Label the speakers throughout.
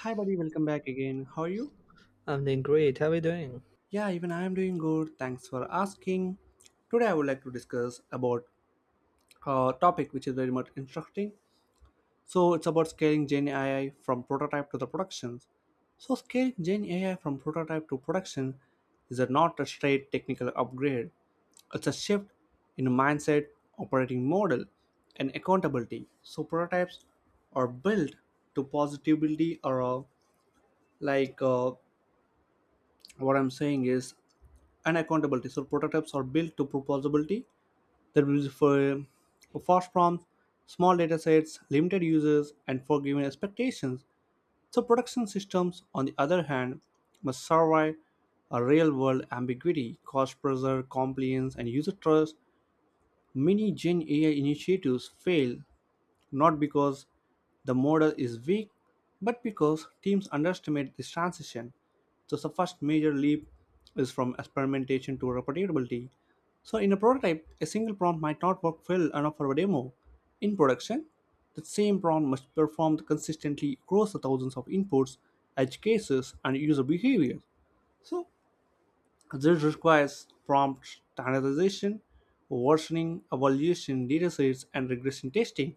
Speaker 1: Hi, buddy, welcome back again. How are you?
Speaker 2: I'm doing great. How are you doing?
Speaker 1: Yeah, even I am doing good. Thanks for asking. Today, I would like to discuss about a topic which is very much interesting. So, it's about scaling Gen AI from prototype to the productions. So, scaling Gen AI from prototype to production is a not a straight technical upgrade, it's a shift in mindset, operating model, and accountability. So, prototypes are built to positivity or like what I'm saying is and accountability. So prototypes are built to proposability. That will be for fast prompts, small data sets, limited users, and forgiving expectations. So production systems, on the other hand, must survive a real-world ambiguity, cost pressure, compliance, and user trust. Many Gen AI initiatives fail not because the model is weak, but because teams underestimate this transition. So the first major leap is from experimentation to reproducibility. So in a prototype, a single prompt might not work well enough for a demo. In production, the same prompt must perform consistently across the thousands of inputs, edge cases, and user behavior. So this requires prompt standardization, versioning, evaluation, datasets, and regression testing.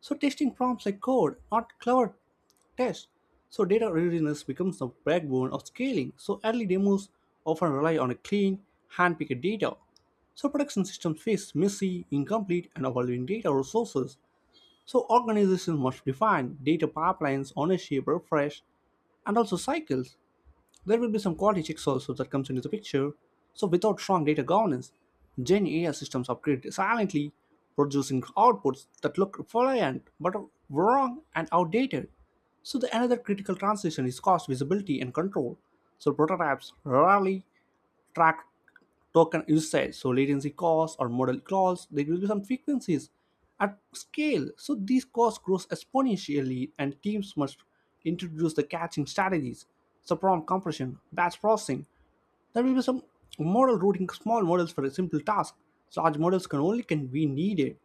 Speaker 1: So testing prompts like code, not clever tests. So data readiness becomes the backbone of scaling. So early demos often rely on a clean, hand-picked data. So production systems face messy, incomplete, and evolving data resources. So organizations must define data pipelines, ownership, refresh, and also cycles. There will be some quality checks also that comes into the picture. So without strong data governance, Gen AI systems upgrade silently, producing outputs that look reliant but are wrong and outdated. So the another critical transition is cost visibility and control. So prototypes rarely track token usage. So latency costs or model calls, there will be some frequencies at scale. So these costs grows exponentially and teams must introduce the catching strategies, subprompt compression, batch processing. There will be some model routing small models for a simple task. So large models can only can be needed.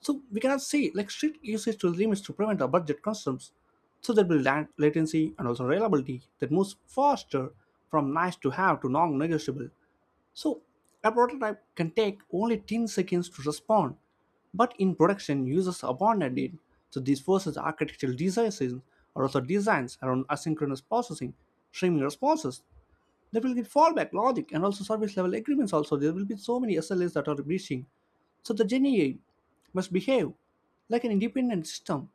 Speaker 1: So we cannot say like strict usage to limits to prevent our budget constraints. So there will be latency and also reliability that moves faster from nice to have to non-negotiable. So a prototype can take only 10 seconds to respond, but in production, users abandon it. So this forces architectural designs or also designs around asynchronous processing, streaming responses, there will be fallback logic and also service level agreements. Also, there will be so many SLAs that are breaching. So the Gen must behave like an independent system,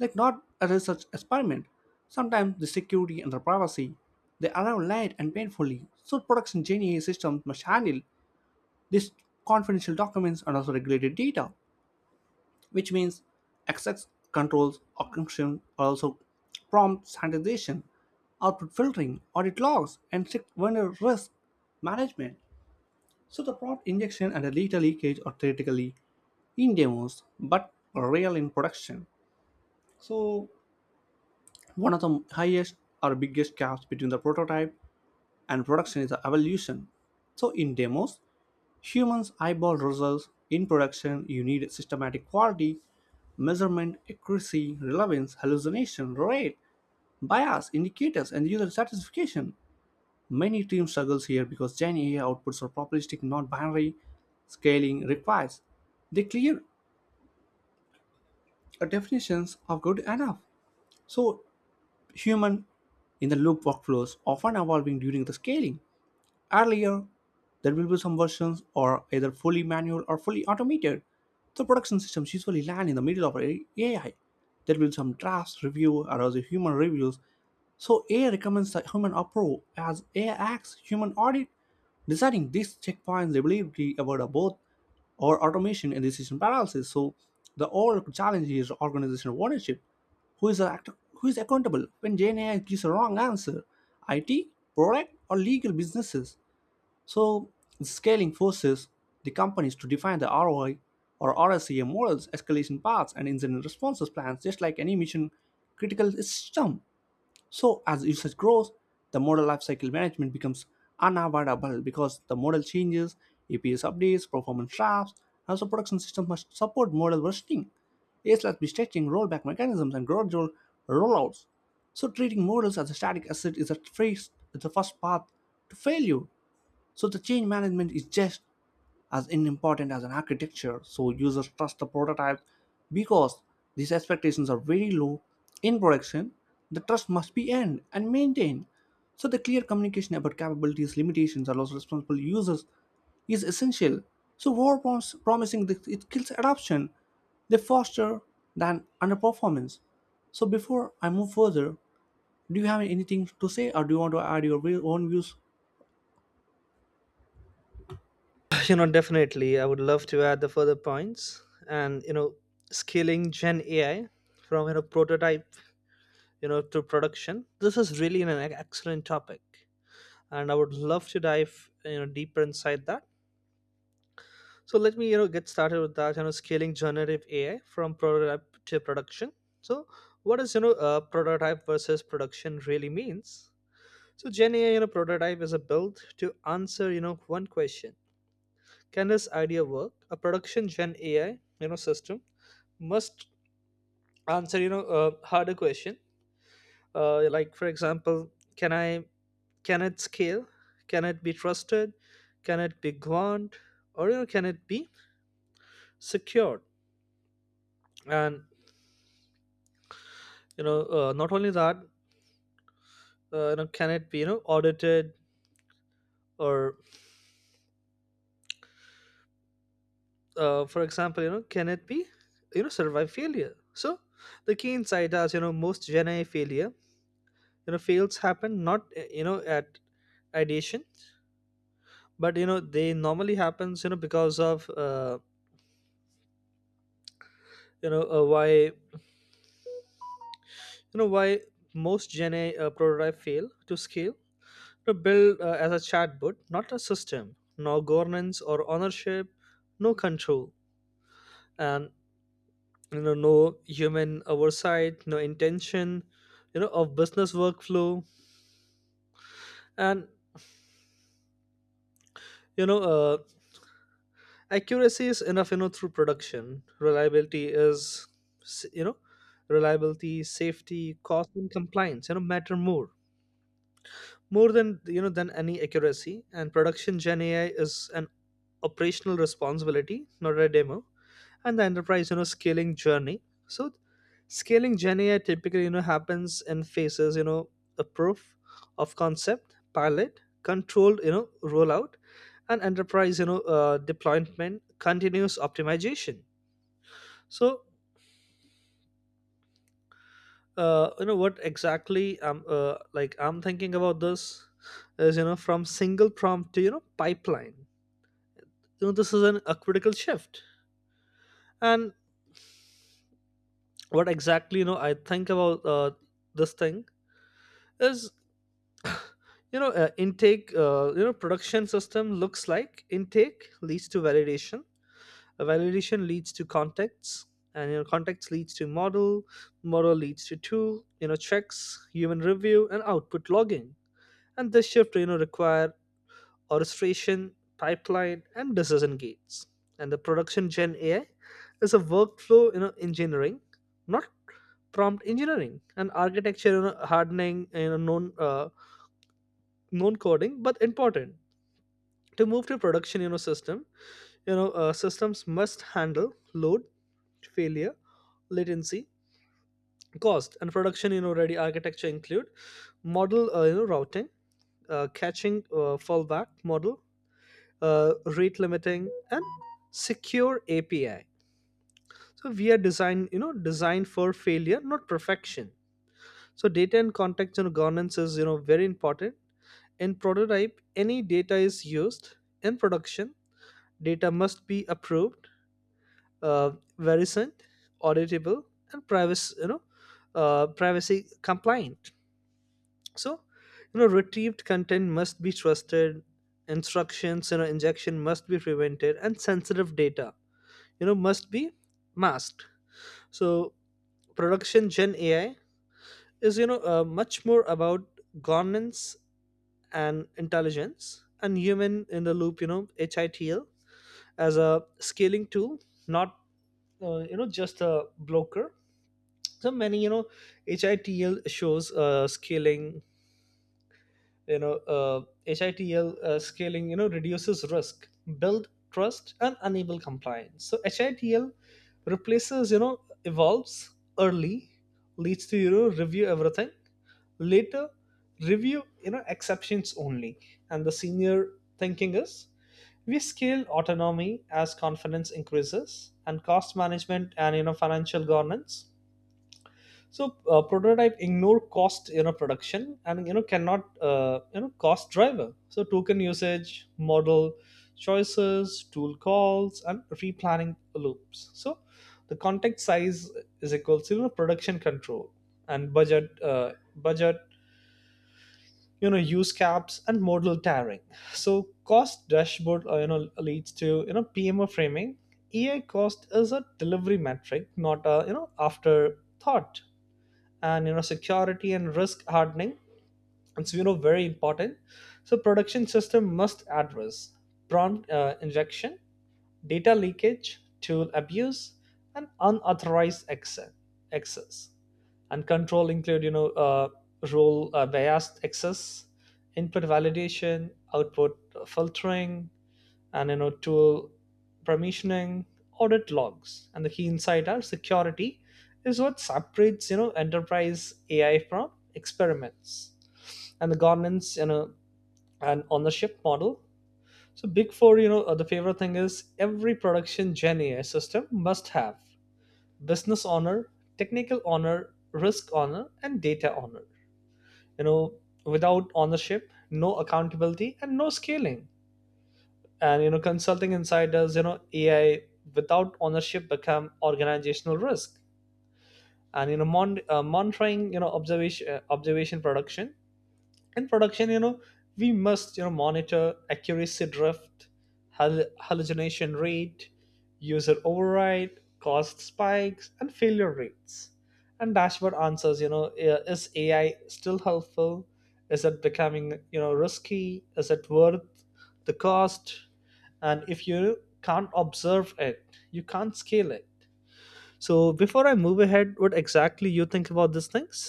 Speaker 1: like not a research experiment. Sometimes the security and the privacy they arrive late and painfully. So production Gen systems must handle these confidential documents and also regulated data which means access controls orchestration also prompt sanitization, output filtering, audit logs, and strict vendor risk management. So the prompt injection and the data leakage are theoretically in demos but real in production. So one of the highest or biggest gaps between the prototype and production is the evolution. So in demos, humans eyeball results in production. You need systematic quality, measurement, accuracy, relevance, hallucination, rate, bias, indicators, and user satisfaction. Many teams struggles here because Gen AI outputs are probabilistic, not binary. Scaling requires they clear definitions of good enough. So human in the loop workflows often evolving during the scaling. Earlier, there will be some versions or either fully manual or fully automated. The production systems usually land in the middle of AI. There will be some drafts, review, or other human reviews. So AI recommends the human approve as AI acts human audit. Deciding these checkpoints they believe reliability about a both or automation and decision paralysis. So the overall challenge is organizational ownership. Who is accountable when AI gives a wrong answer? IT, product, or legal businesses? So, scaling forces the companies to define the ROI or RSCM models, escalation paths, and incident responses plans, just like any mission critical system. So, as usage grows, the model lifecycle management becomes unavoidable because the model changes, APS updates, performance traps, and so production systems must support model versioning. ASLAS be stretching rollback mechanisms and gradual rollouts. So treating models as a static asset is a first, is the first path to failure. So the change management is just as important as an architecture. So users trust the prototype because these expectations are very low in production. The trust must be earned and maintained. So the clear communication about capabilities, limitations allows responsible users is essential. So war promising that it kills adoption, they foster than underperformance. So before I move further, do you have anything to say or do you want to add your own views?
Speaker 2: Definitely. I would love to add the further points and scaling Gen AI from prototype, to production. This is really an excellent topic. And I would love to dive, deeper inside that. So let me, get started with that, scaling generative AI from prototype to production. So what is, prototype versus production really means? So Gen AI, prototype is a build to answer, one question, can this idea work? A production gen AI, system must answer, a harder question. Like for example, can I can it scale? Can it be trusted? Can it be governed? Or, can it be secured? And, not only that, can it be, audited? Or, for example, can it be survive failure? So the key insight is, most Gen AI failure you know fails happen not, at ideation, but, they normally happens because of, why, why most gen a prototype fail to scale, to build as a chatbot, not a system. No governance or ownership, no control, and, no human oversight, no intention, of business workflow. And, you know uh, accuracy is enough, through production reliability is s- you know reliability, safety, cost and compliance, matter more than, than any accuracy. And production gen AI is an operational responsibility, not a demo. And the enterprise, scaling journey, so scaling journey, typically, happens in phases, a proof of concept, pilot, controlled, rollout, and enterprise, deployment, continuous optimization. So, what exactly I'm thinking about this is, from single prompt to, pipeline, this is a critical shift. And what exactly, I think about, this thing is, you know intake you know production system looks like: intake leads to validation, a validation leads to contacts, and, contacts leads to model, model leads to tool, checks, human review, and output logging. And this shift, require orchestration, pipeline and decision gates. And the production gen AI is a workflow, engineering, not prompt engineering. And architecture, you know, hardening you know known known coding, but important to move to production. Systems must handle load, failure, latency, cost. And production, ready architecture include model, routing, catching, fallback model, rate limiting and secure API. So we are designed you know designed for failure, not perfection. So data and context, governance is, very important. In prototype, any data is used. In production, data must be approved, uh, verifient, auditable, and privacy, privacy compliant. So, retrieved content must be trusted. Instructions, injection must be prevented, and sensitive data, must be masked. So production Gen AI is, much more about governance and intelligence and human in the loop, HITL as a scaling tool, not, just a blocker. So many, you know hitl shows scaling you know HITL, scaling, reduces risk, build trust and enable compliance. So HITL replaces you know evolves: early leads to, review everything, later review, exceptions only. And the senior thinking is, we scale autonomy as confidence increases. And cost management and, financial governance. So, prototype ignore cost, production and, cannot, cost driver, so token usage, model choices, tool calls and replanning loops. So the context size is equal to, production control and budget, budget, use caps and model tiering. So cost dashboard, leads to, PMO framing. EI cost is a delivery metric, not a, afterthought. And, security and risk hardening, it's, very important. So production system must address prompt, injection, data leakage, tool abuse and unauthorized access. And control include, role, biased access, input validation, output filtering, and, tool permissioning, audit logs. And the key insight are, security is what separates, enterprise AI from experiments. And the governance, and ownership model. So big four, the favorite thing is, every production gen AI system must have business owner, technical owner, risk owner and data owner. you know Without ownership, no accountability and no scaling. And, consulting insiders, AI without ownership become organizational risk. And, monitoring, observation production. In production, we must, monitor accuracy drift, hallucination rate, user override, cost spikes and failure rates. And dashboard answers, is AI still helpful? Is it becoming, risky? Is it worth the cost? And if you can't observe it, you can't scale it. So before I move ahead, what exactly you think about these things?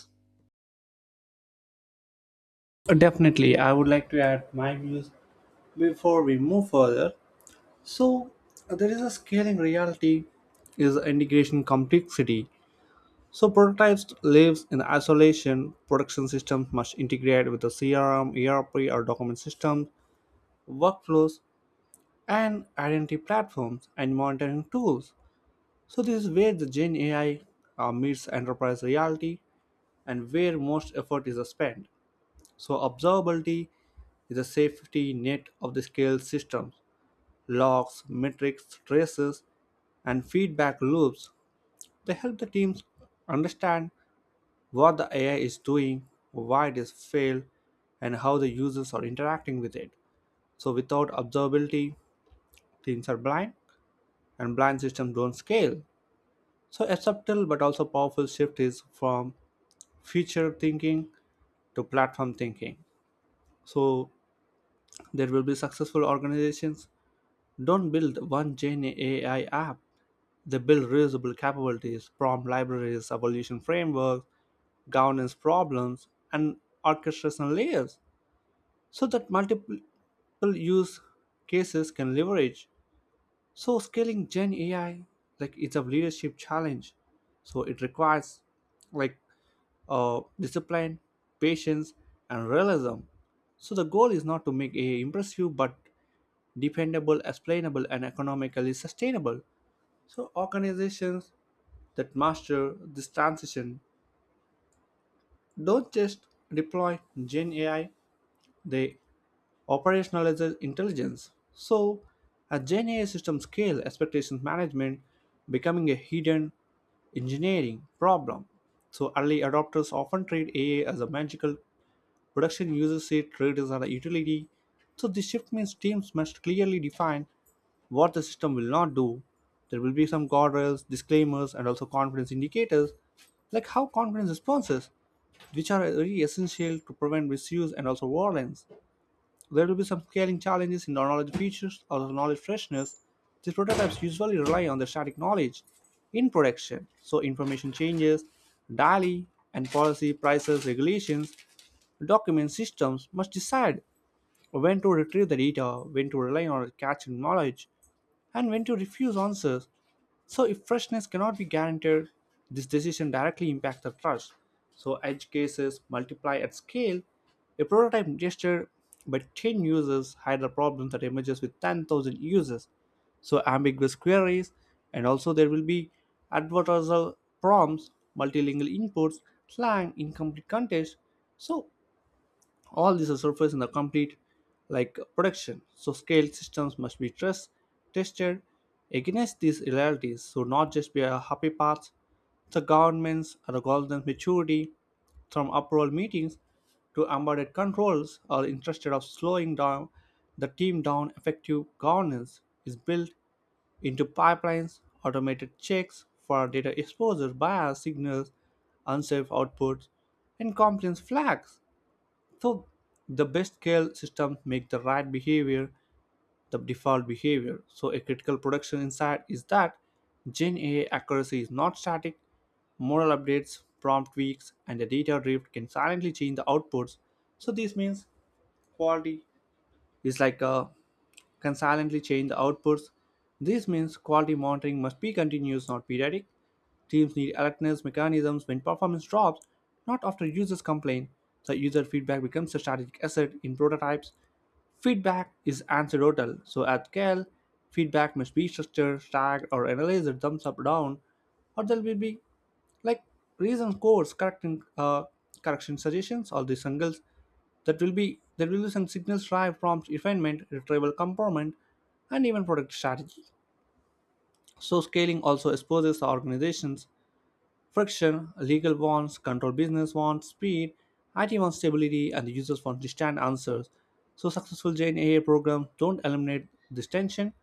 Speaker 1: Definitely, I would like to add my views before we move further. So, there is a scaling reality is integration complexity. So, prototypes lives in isolation. Production systems must integrate with the CRM, ERP, or document systems, workflows, and identity platforms and monitoring tools. So, this is where the Gen AI meets enterprise reality and where most effort is spent. So, observability is a safety net of the scale systems, logs, metrics, traces, and feedback loops. They help the teams understand what the AI is doing, why it is failed, and how the users are interacting with it. So, without observability, teams are blind, and blind systems don't scale. So, a subtle but also powerful shift is from feature thinking to platform thinking. So, there will be successful organizations don't build one Gen AI app. They build reusable capabilities, prompt libraries, evolution frameworks, governance problems, and orchestration layers so that multiple use cases can leverage. So scaling Gen AI like it's a leadership challenge. So it requires like discipline, patience, and realism. So the goal is not to make AI impressive but dependable, explainable, and economically sustainable. So organizations that master this transition don't just deploy Gen AI, they operationalize intelligence. So a Gen AI system scale expectations management becoming a hidden engineering problem. So early adopters often treat AI as a magical production users say traders are a utility. So this shift means teams must clearly define what the system will not do. There will be some guardrails, disclaimers, and also confidence indicators, like how confidence responses, which are very essential to prevent misuse and also violence. There will be some scaling challenges in the knowledge features or the knowledge freshness. These prototypes usually rely on the static knowledge in production, so information changes daily and policy, prices, regulations, document systems must decide when to retrieve the data, when to rely on cached knowledge, and when to refuse answers. So, if freshness cannot be guaranteed, this decision directly impacts the trust. So, edge cases multiply at scale. A prototype gesture by 10 users hide the problem that emerges with 10,000 users. So, ambiguous queries, and also there will be advertorial prompts, multilingual inputs, slang, incomplete context. So, all these are surface in the complete like production. So scale systems must be trust, tested against these realities. So not just be a happy path. The governments or the government maturity from approval meetings to embedded controls are interested of slowing down the team down effective governance is built into pipelines, automated checks for data exposure bias signals, unsafe outputs, and compliance flags. So the best scale systems make the right behavior the default behavior. So a critical production insight is that Gen A I accuracy is not static. Model updates, prompt tweaks, and the data drift can silently change the outputs. So this means quality is like a can silently change the outputs. This means quality monitoring must be continuous, not periodic. Teams need alertness mechanisms when performance drops, not after users complain. The user feedback becomes a strategic asset in prototypes. Feedback is anecdotal, so at scale, feedback must be structured, tagged, or analyzed thumbs up down, or there will be like reason scores, correcting correction suggestions, all these angles that will be there will be some signals drive prompts refinement, retrieval component, and even product strategy. So scaling also exposes organizations friction, legal wants control, business wants speed, IT wants stability, and the users want instant answers. So successful Gen AI programs don't eliminate this tension.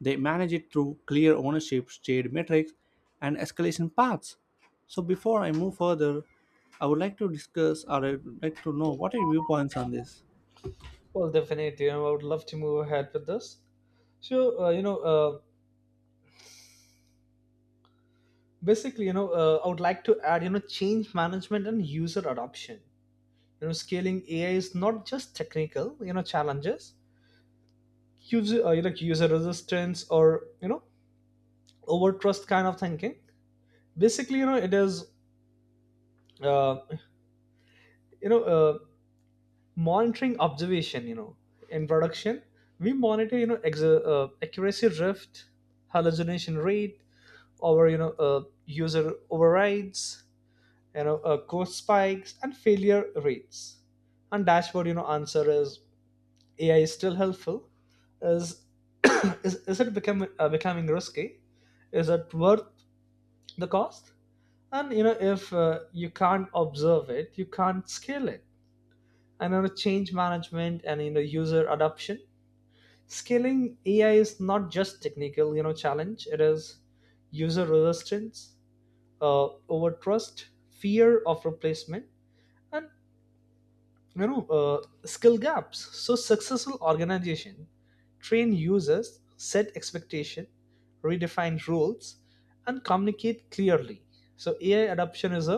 Speaker 1: They manage it through clear ownership, shared metrics, and escalation paths. So before I move further, I would like to discuss or I would like to know what are your viewpoints on this.
Speaker 2: Well definitely, I would love to move ahead with this. So, basically, I would like to add, change management and user adoption. You know, scaling AI is not just technical, challenges, user, user resistance or, over trust kind of thinking. Basically, it is, uh, you know, uh, monitoring observation, in production. We monitor, accuracy drift, hallucination rate, or, user overrides, cost spikes and failure rates. And dashboard, answer is, AI is still helpful. Is Is it becoming risky? Is it worth the cost? And, if, you can't observe it, you can't scale it. And, change management and, user adoption. Scaling AI is not just technical, challenge, it is user resistance, uh, over trust, fear of replacement, and, skill gaps. So successful organization train users, set expectation, redefine rules and communicate clearly. So AI adoption is a,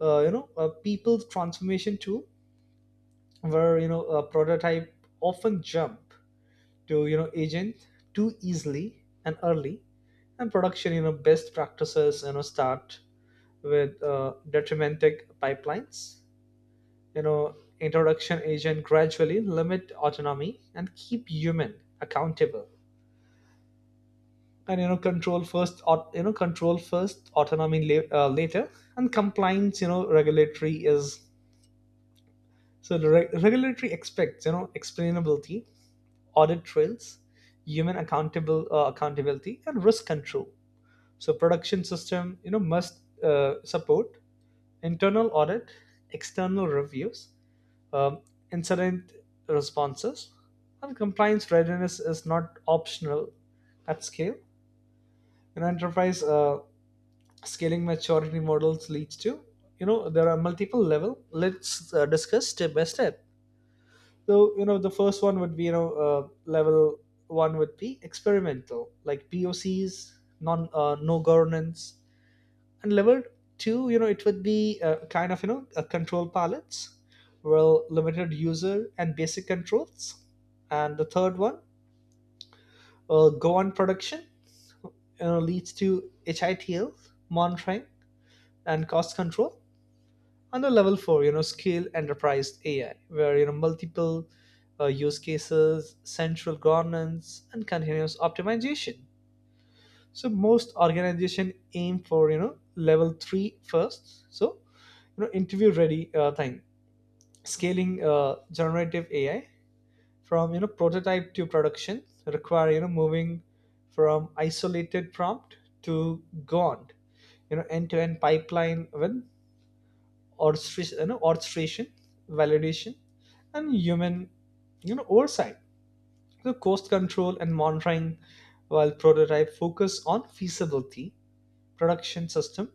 Speaker 2: a people's transformation tool, where, a prototype often jump to, agent too easily and early. And production, best practices, start with, detrimental pipelines, you know introduction agent gradually, limit autonomy and keep human accountable. And, control first, control first, autonomy later. And compliance, regulatory is, so the regulatory expects, explainability, audit trails, human accountable accountability and risk control. So production system, must, support internal audit, external reviews, um, incident responses, and compliance readiness is not optional at scale. In enterprise, scaling maturity models leads to, there are multiple level, let's, discuss step by step. So, the first one would be, level one would be experimental like POCs, non no governance. And level two, it would be, kind of, control palettes, well, limited user and basic controls. And the third one, go on production, leads to HITL monitoring and cost control. And the level four, scale enterprise AI, where, multiple, use cases, central governance and continuous optimization. So most organization aim for, level three first. So, interview ready, thing: scaling, generative AI from, prototype to production require, moving from isolated prompt to gond, end to end pipeline with orchestration, validation and human, oversight. So cost control and monitoring, while prototype focus on feasibility, production system,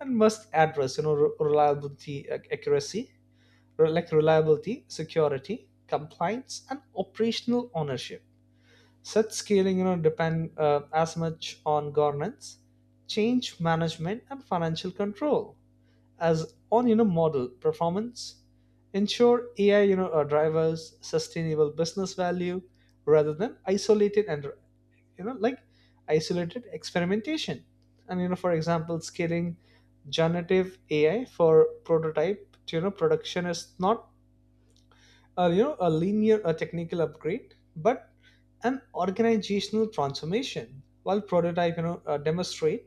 Speaker 2: and must address, you know re- reliability ac- accuracy like reliability, security, compliance, and operational ownership. Such scaling, depend, as much on governance, change management, and financial control as on, model performance. Ensure AI, drivers sustainable business value rather than isolated and, you know like isolated experimentation. And, for example, scaling generative AI for prototype to, production is not a, you know a linear a technical upgrade, but an organizational transformation. While prototype, demonstrate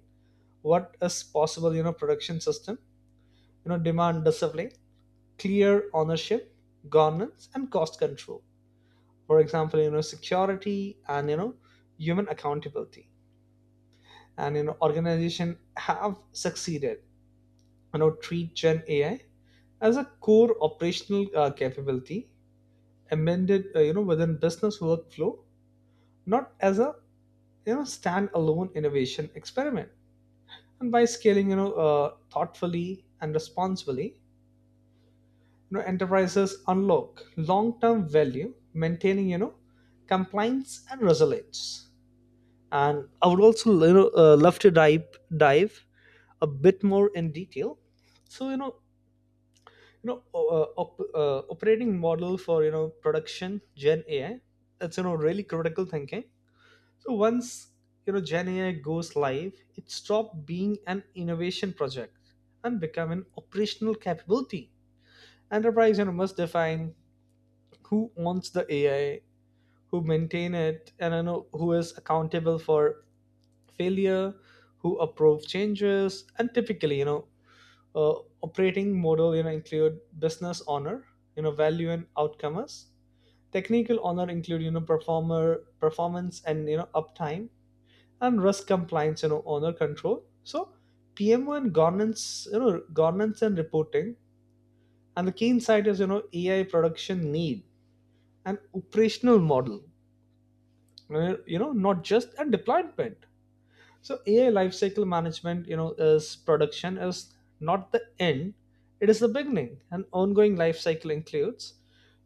Speaker 2: what is possible, production system, demand discipline, clear ownership, governance and cost control. For example, security and, human accountability. And, organization have succeeded, treat gen AI as a core operational, capability, amended, within business workflow, not as a, standalone innovation experiment. And by scaling, thoughtfully and responsibly, enterprises unlock long-term value, maintaining, compliance and resilience. And I would also, love to dive a bit more in detail. So, you know operating model for, production gen AI, that's, really critical thinking. So once, Gen AI goes live, it stopped being an innovation project and become an operational capability. Enterprise, must define who owns the AI, who maintain it, and, who is accountable for failure, who approve changes. And typically, uh, operating model, include business owner, value and outcomers. Technical honor include, you know performer performance and, uptime and risk compliance, owner control. So PMO and governance, governance and reporting. And the key insight is, AI production need an operational model, not just a deployment. So AI lifecycle management, is, production is not the end, it is the beginning. An ongoing lifecycle includes,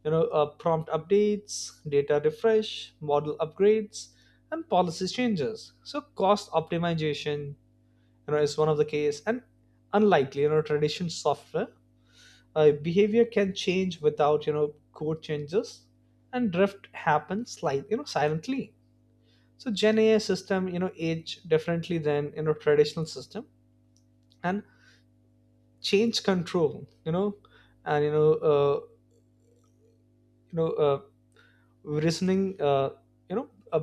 Speaker 2: prompt updates, data refresh, model upgrades and policy changes. So cost optimization, is one of the case. And unlikely, tradition software, behavior can change without, code changes, and drift happens slight you know silently. So gen AI system, age differently than, traditional system. And change control, you know and you know reasoning, you know uh,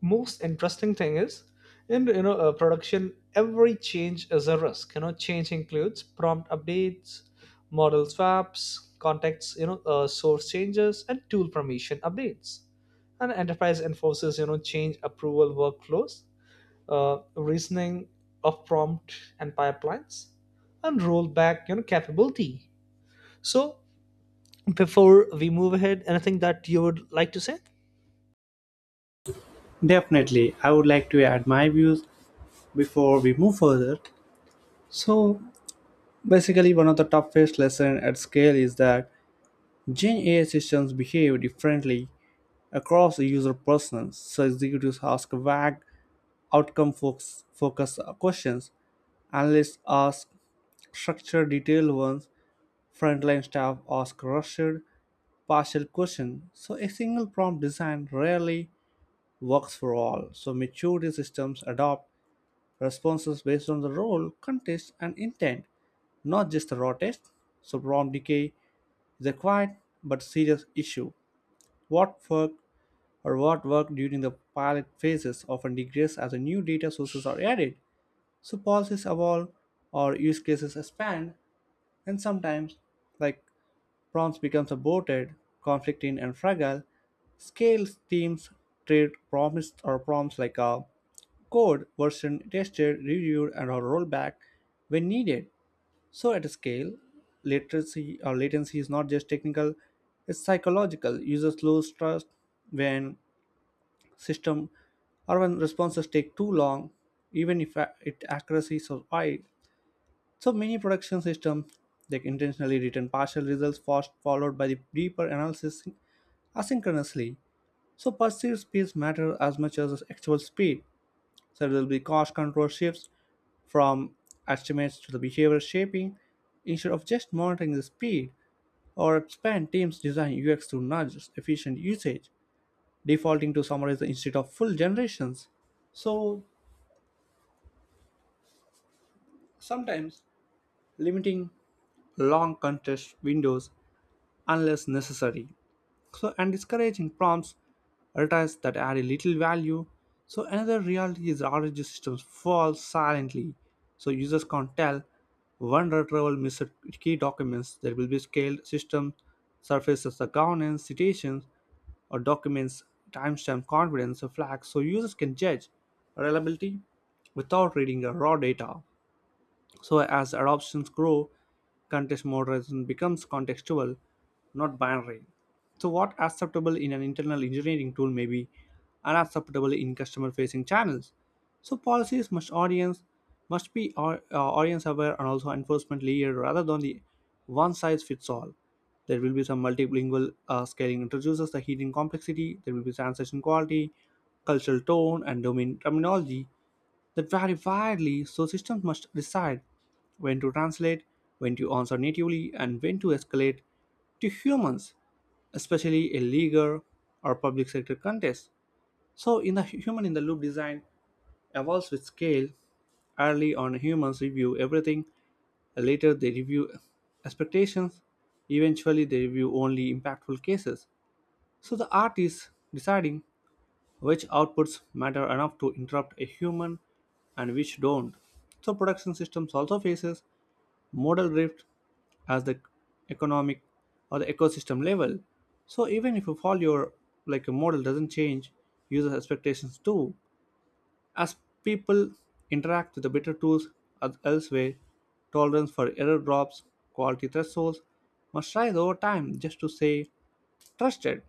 Speaker 2: most interesting thing is, in, production, every change is a risk. You know, change includes prompt updates, model swaps, contacts, source changes and tool permission updates. And enterprise enforces, change approval workflows, reasoning of prompt and pipelines, and rollback, capability. So before we move ahead, anything that you would like to say?
Speaker 1: Definitely, I would like to add my views before we move further. So basically, one of the toughest lesson at scale is that Gen AI systems behave differently across user personas, so executives ask vague focused questions, analysts ask structured detailed ones, frontline staff ask rushed partial questions. So a single prompt design rarely works for all. So maturity systems adopt responses based on the role, context, and intent, not just the raw text. So prompt decay is a quiet but serious issue. What worked. What worked during the pilot phases often degrades as new data sources are added. So policies evolve or use cases expand, and sometimes, like, prompts becomes aborted, conflicting and fragile. Scale teams trade promised or prompts like a code version tested, reviewed, and or rollback when needed. So at a scale, literacy or latency is not just technical, it's psychological. Users lose trust when system or when responses take too long, even if it accuracy is so high. So many production systems they intentionally return partial results fast followed by the deeper analysis asynchronously. So perceived speeds matter as much as actual speed. So there will be cost control shifts from estimates to the behavior shaping instead of just monitoring the speed or expand teams design UX to nudge efficient usage, defaulting to summarize instead of full generations. So sometimes limiting long contest windows unless necessary. So, and discouraging prompts retires that add a little value. So, another reality is RNG systems fall silently. So, users can't tell one retrieval missed key documents. There will be scaled system surfaces the governance, citations, or documents, timestamp, confidence, or flags. So, users can judge reliability without reading the raw data. So as adoptions grow, context moderation becomes contextual, not binary. So, what acceptable in an internal engineering tool may be unacceptable in customer-facing channels. So, policies must audience must be or audience aware and also enforcement layer rather than the one size fits all. There will be some multilingual scaling introduces the hidden complexity. There will be translation quality, cultural tone, and domain terminology that vary widely, so systems must decide when to translate, when to answer natively, and when to escalate to humans, especially a legal or public sector contexts. So, in the human in the loop design evolves with scale. Early on, humans review everything, later, they review expectations, eventually, they review only impactful cases. So, the art is deciding which outputs matter enough to interrupt a human and which don't. So production systems also faces modal drift as the economic or the ecosystem level. So even if you follow your like a model doesn't change, user expectations do. As people interact with the better tools as elsewhere, tolerance for error drops, quality thresholds must rise over time just to say trusted.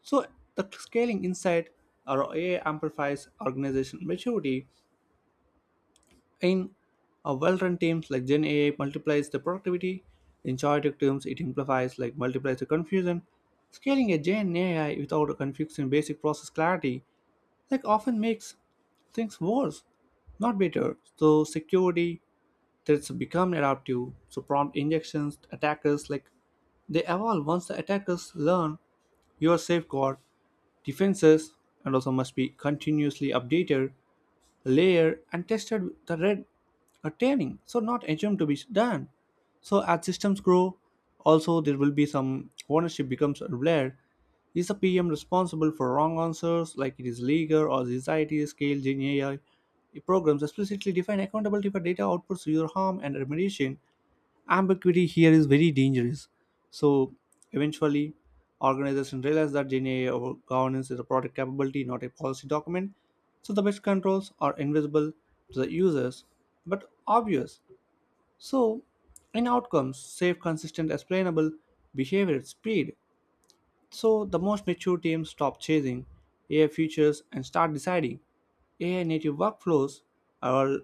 Speaker 1: So the scaling insight or AI amplifies organization maturity in a well-run teams like Gen AI multiplies the productivity. In chaotic terms, it amplifies like multiplies the confusion. Scaling a Gen AI without a confusing basic process clarity like often makes things worse, not better. So security threats become adaptive. So prompt injections, attackers like they evolve once the attackers learn your safeguard defenses and also must be continuously updated, layered, and tested with the red a training, so not assumed to be done. So as systems grow, also there will be some ownership becomes aware. Is the PM responsible for wrong answers, like it is legal or society scale Gen AI? Programs explicitly define accountability for data outputs, user harm, and remediation ambiguity here is very dangerous. So eventually, organizations realize that DNA or governance is a product capability, not a policy document. So the best controls are invisible to the users, but obvious. So in outcomes, safe, consistent, explainable behavior at speed. So the most mature teams stop chasing AI features and start deciding AI native workflows are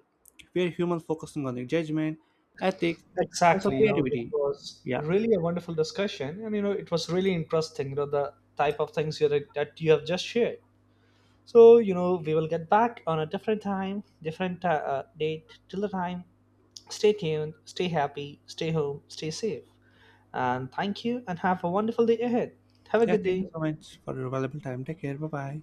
Speaker 1: where humans focusing on the judgment, ethics, also
Speaker 2: Exactly. You know, this
Speaker 1: creativity.
Speaker 2: was
Speaker 1: Yeah.
Speaker 2: really a wonderful discussion, and you know, it was really interesting. You know, the type of things you that you have just shared. So you know, we will get back on a different time, different, date. Till the time, stay tuned, stay happy, stay home, stay safe, and thank you, and have a wonderful day ahead. Have a
Speaker 1: Yeah,
Speaker 2: good
Speaker 1: thank you
Speaker 2: day.
Speaker 1: so much for your valuable time. Take care. Bye bye.